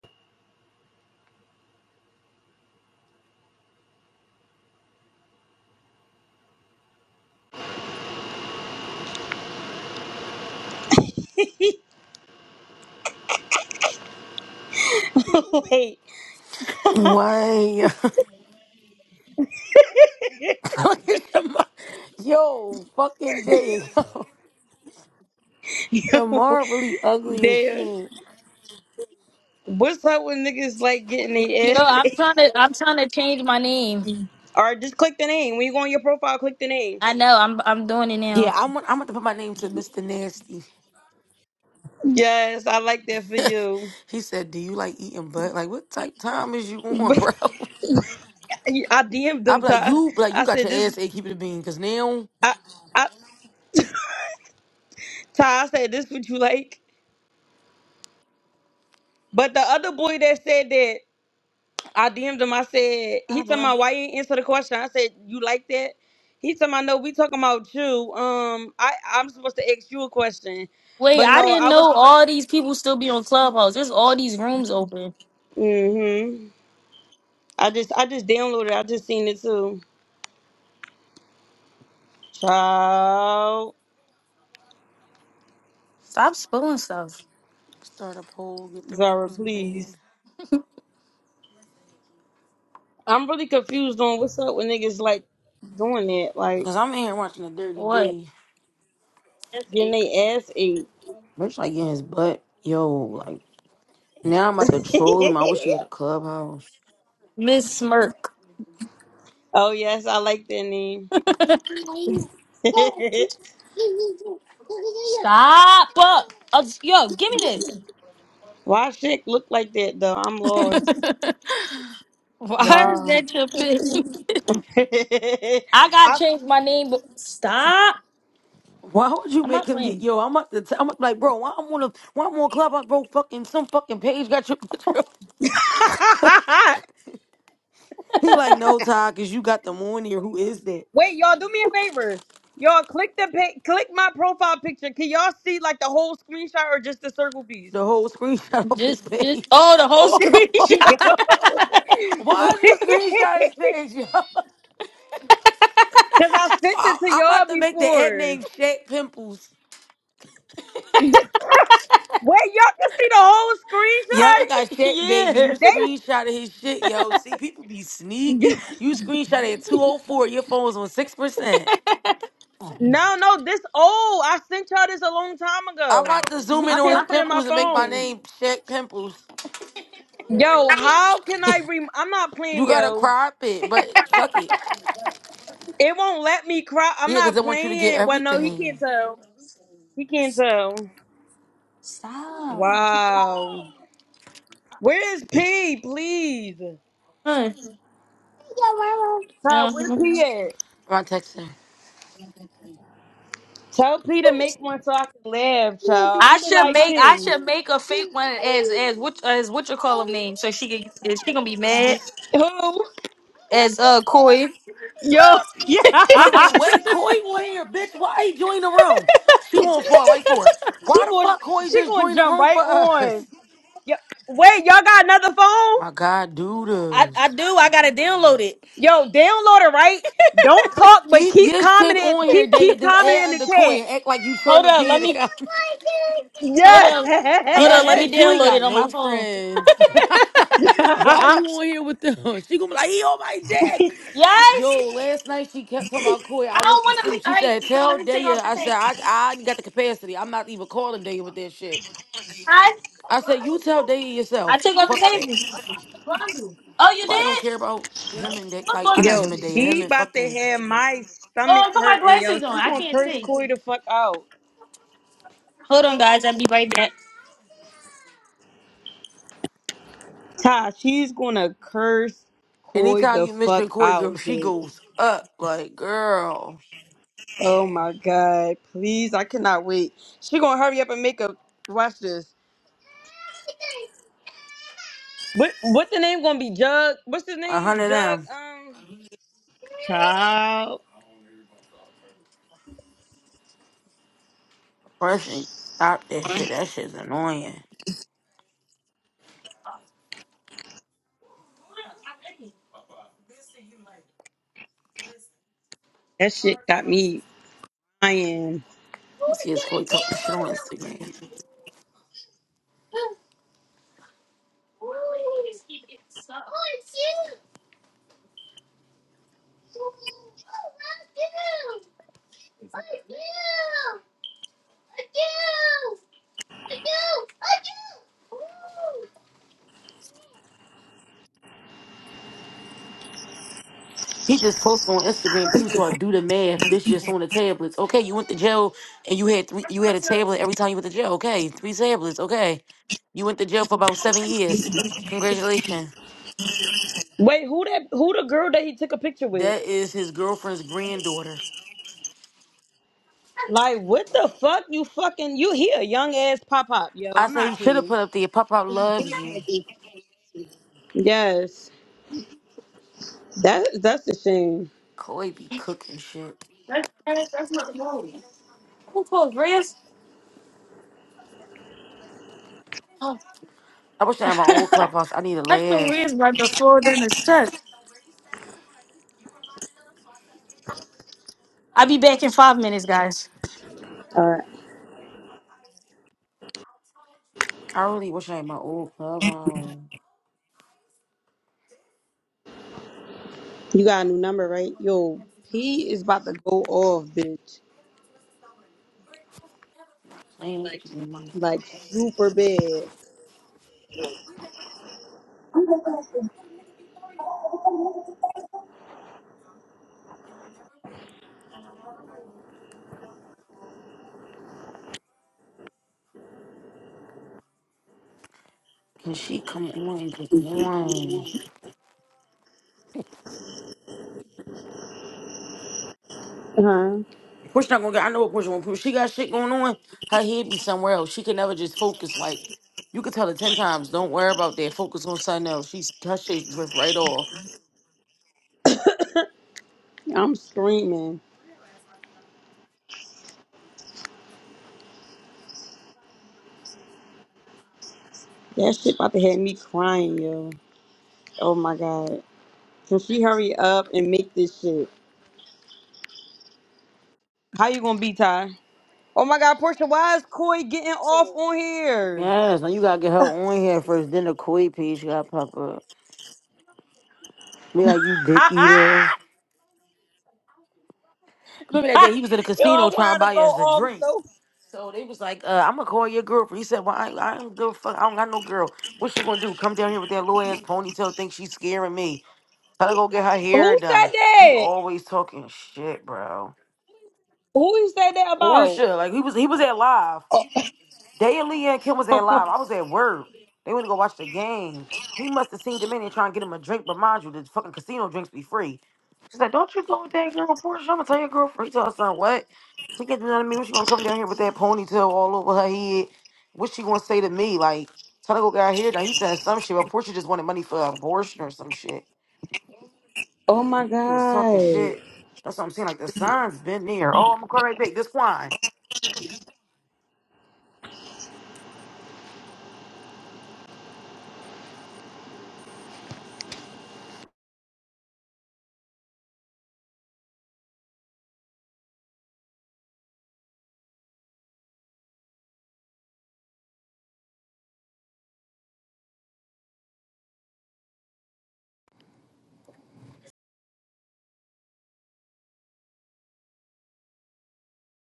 like, Why? Shamar. Yo, fucking day, yo. yo, Shamar really ugly as there. shit. What's up with niggas like getting the Yo, ass? I'm trying to I'm trying to change my name. or just click the name. When you go on your profile, click the name. I know I'm I'm doing it Yeah, now. I'm I'm about to put my name to Mr. Nasty. Yes, I like that for you. he said, "Do you like eating butt? Like, what type time is you on, But bro?" I DM'd I them, be like, Ty. "You like you I got said your this. ass ate, keep it a bean, cause now I, I, Ty, I said this. What you like? But the other boy that said that, I DM'd him. I said Ah, he talking bro. about why you ain't answer the question. I said you like that. He talking about no. We talking about you. Um, I I'm supposed to ask you a question, Wait, but I no, didn't I was. know all these people still be on Clubhouse. There's all these rooms open. Mm-hmm. I just I just downloaded. I just seen it too. Child, Stop spilling stuff. start a poll, get the Zara, rooms please. paying, I'm really confused on what's up with niggas like doing that, like cause I'm in here watching a dirty What? day. getting their ass ate. Bitch, like in his butt, yo. Like now I'm about to troll him. I wish he had a clubhouse. Miss Smirk. oh yes, I like that name. Stop up. Uh, yo, give me Why shit look like that though? I'm this. lost. Why is Wow. that your pick? I- I got to change my name, but stop. Why would you I'm make not him get playing. yo? I'm at the. T- I'm up, like, bro. Why I'm on a. Why I'm on Clubhouse, bro? Fucking some fucking page got your. he like, no, Todd, cause you got the one here. Who is that? Wait, y'all, do me a favor. Y'all click the pa- click my profile picture. Can y'all see like the whole screenshot or just the circle piece? The whole screenshot of Just, his page. just, oh, the whole Oh, Yo. screenshot. why is you screenshot his page, yo? Because I sent it I- to I'm y'all about to make the ad before. name Shaq Pimples. Wait, y'all can see the whole Yup, it got Shaq, baby. yeah. You screenshot? They screenshotted his shit, yo. See, people be sneaky. You screenshotted at 204. Your phone's on six percent. no, no, this old. I sent y'all this a long time I'm ago. about to zoom in I on his found it in my pimples and make my phone. name Shaq Pimples. Yo, how can I rem? I'm not You playing, gotta yo. crop it, but fuck it. It won't let me cry. I'm Yeah, not because I want you to get playing. Well, no, he everything. can't tell. He can't tell. Stop. Wow. Where is P? Please. Huh. Ty, where Yeah. P at? Ron texting. Tell P to make one so I can laugh, child. I I'm be should like make I P. should make a fake one as as what as what you call him name so she can is she gonna be mad Who? as uh Koi. Yo, I'm yeah. like, wait, Koi on here, bitch. Why he joined the room? She gonna fall right for it. She Why the going fuck Koi she just gonna joined the jump room right for on. us? Yo, wait, y'all got another phone? My God, I I dudas. do I gotta download it. Yo, download it, right? Don't talk, but Keep keep your shit commenting. on here, Keep Day, and keep then commenting air in the under Koi chat. and act like you Hold trolling up, P let in the me comments. hold up Be hold up like, let Yes. me bitch, you ain't download got it on my no phone. friends. Why you on here with them? She gonna be like, he on my dick. Yes, Yo, last night she kept talking about Koi. I I don't went to want to. Be, sleep. all She right, said, no, let tell me take Daya. off the I said, table. I, I ain't got the capacity. I'm not even calling Daya with that shit. I I said, you tell Daya I yourself. take off the Fuck that. table. Oh, you Nobody don't care did? about him and Daya. What Like, I'm not bundle? Yo, him and Daya. Him she and about to fucking. have my Oh, stomach I put my hurting, yo. glasses on. She I gonna can't curse see. Koi the fuck out. Hold on, guys. I'll be right back. Ty, she's gonna curse Koi Anytime the you mention fuck Koi, out. girl, she bitch. goes up. Like, girl, Oh my god! Please, I cannot wait. She gonna hurry up and make a watch this. What what's the name gonna be? Jug? What's his a name? hundred Jug? them. Um, child. First, stop that shit. That shit's annoying. That shit got me crying. Yes, his Corey talking shit on Instagram. He just posted on Instagram too. So I do the math. This just on the tablets. Okay, you went to jail and you had three, you had a tablet every time you went to jail. Okay, three tablets. Okay, you went to jail for about seven years. Congratulations. Wait, who that? Who the girl that he took a picture with? That is his girlfriend's granddaughter. Like, what the fuck? You fucking you? He a young ass pop up, yo. I I'm said he not That's, should have playing. put up there. Pop out loves you. Yes, that that's a shame. Corey be cooking shit. that, that's not wrong. Who told Riz? That's I wish I had my old clubhouse. I need to the laugh. Riz right the floor during the set. I'll be back in five minutes, guys. All right, I really wish I had my old clubhouse. you got a new number, right? Yo, he is about to go off, bitch. Ain't like Like super bad. can she come on? Get on. Uh huh. Portia not gonna get. I know what Portia won't. Portia, she got shit going on. Her head be somewhere else. She can never just focus. Like you could tell her ten times, don't worry about that. Focus on something else. She's her shit drift right off. I'm screaming. That shit about to have me crying, yo. Oh my god. Can she hurry up and make this shit? How you gonna be, Ty? Oh my god, Portia, why is Koi getting off on here? Yes, now you gotta get her on here first, then the koi piece gotta pop up. Be like, you dick Ha eater. ha! Remember that day he was in the Yo, I casino trying to want her to buy go us a off drink. so So they was like, uh, I'm gonna call your girlfriend. He said, Well, I, I don't give a fuck. I don't got no girl. What she gonna do? Come down here with that little ass ponytail, think she's scaring me. Tell her to go get her hair Who said done. He that? always talking shit, bro. Who you said that about? Portia, like he was he was at live. Day and Leah and Kim was at Oh live. my, I was at work. They went to go watch the game. He must have seen Dominion trying to get him a drink, but mind you, the fucking casino drinks be free. She's like, Don't you go with that girl Portia. I'm gonna tell your girlfriend. He tell her son, what? She can't do nothing to me. What she gonna come down here with that ponytail all over her head? What she gonna say to me? Like, tell her to go get out here. Now he said some shit, but Portia just wanted money for an abortion or some shit. oh my He was talking god. shit. That's what I'm saying. Like the son's been there. Oh, I'm gonna call right back. This wine.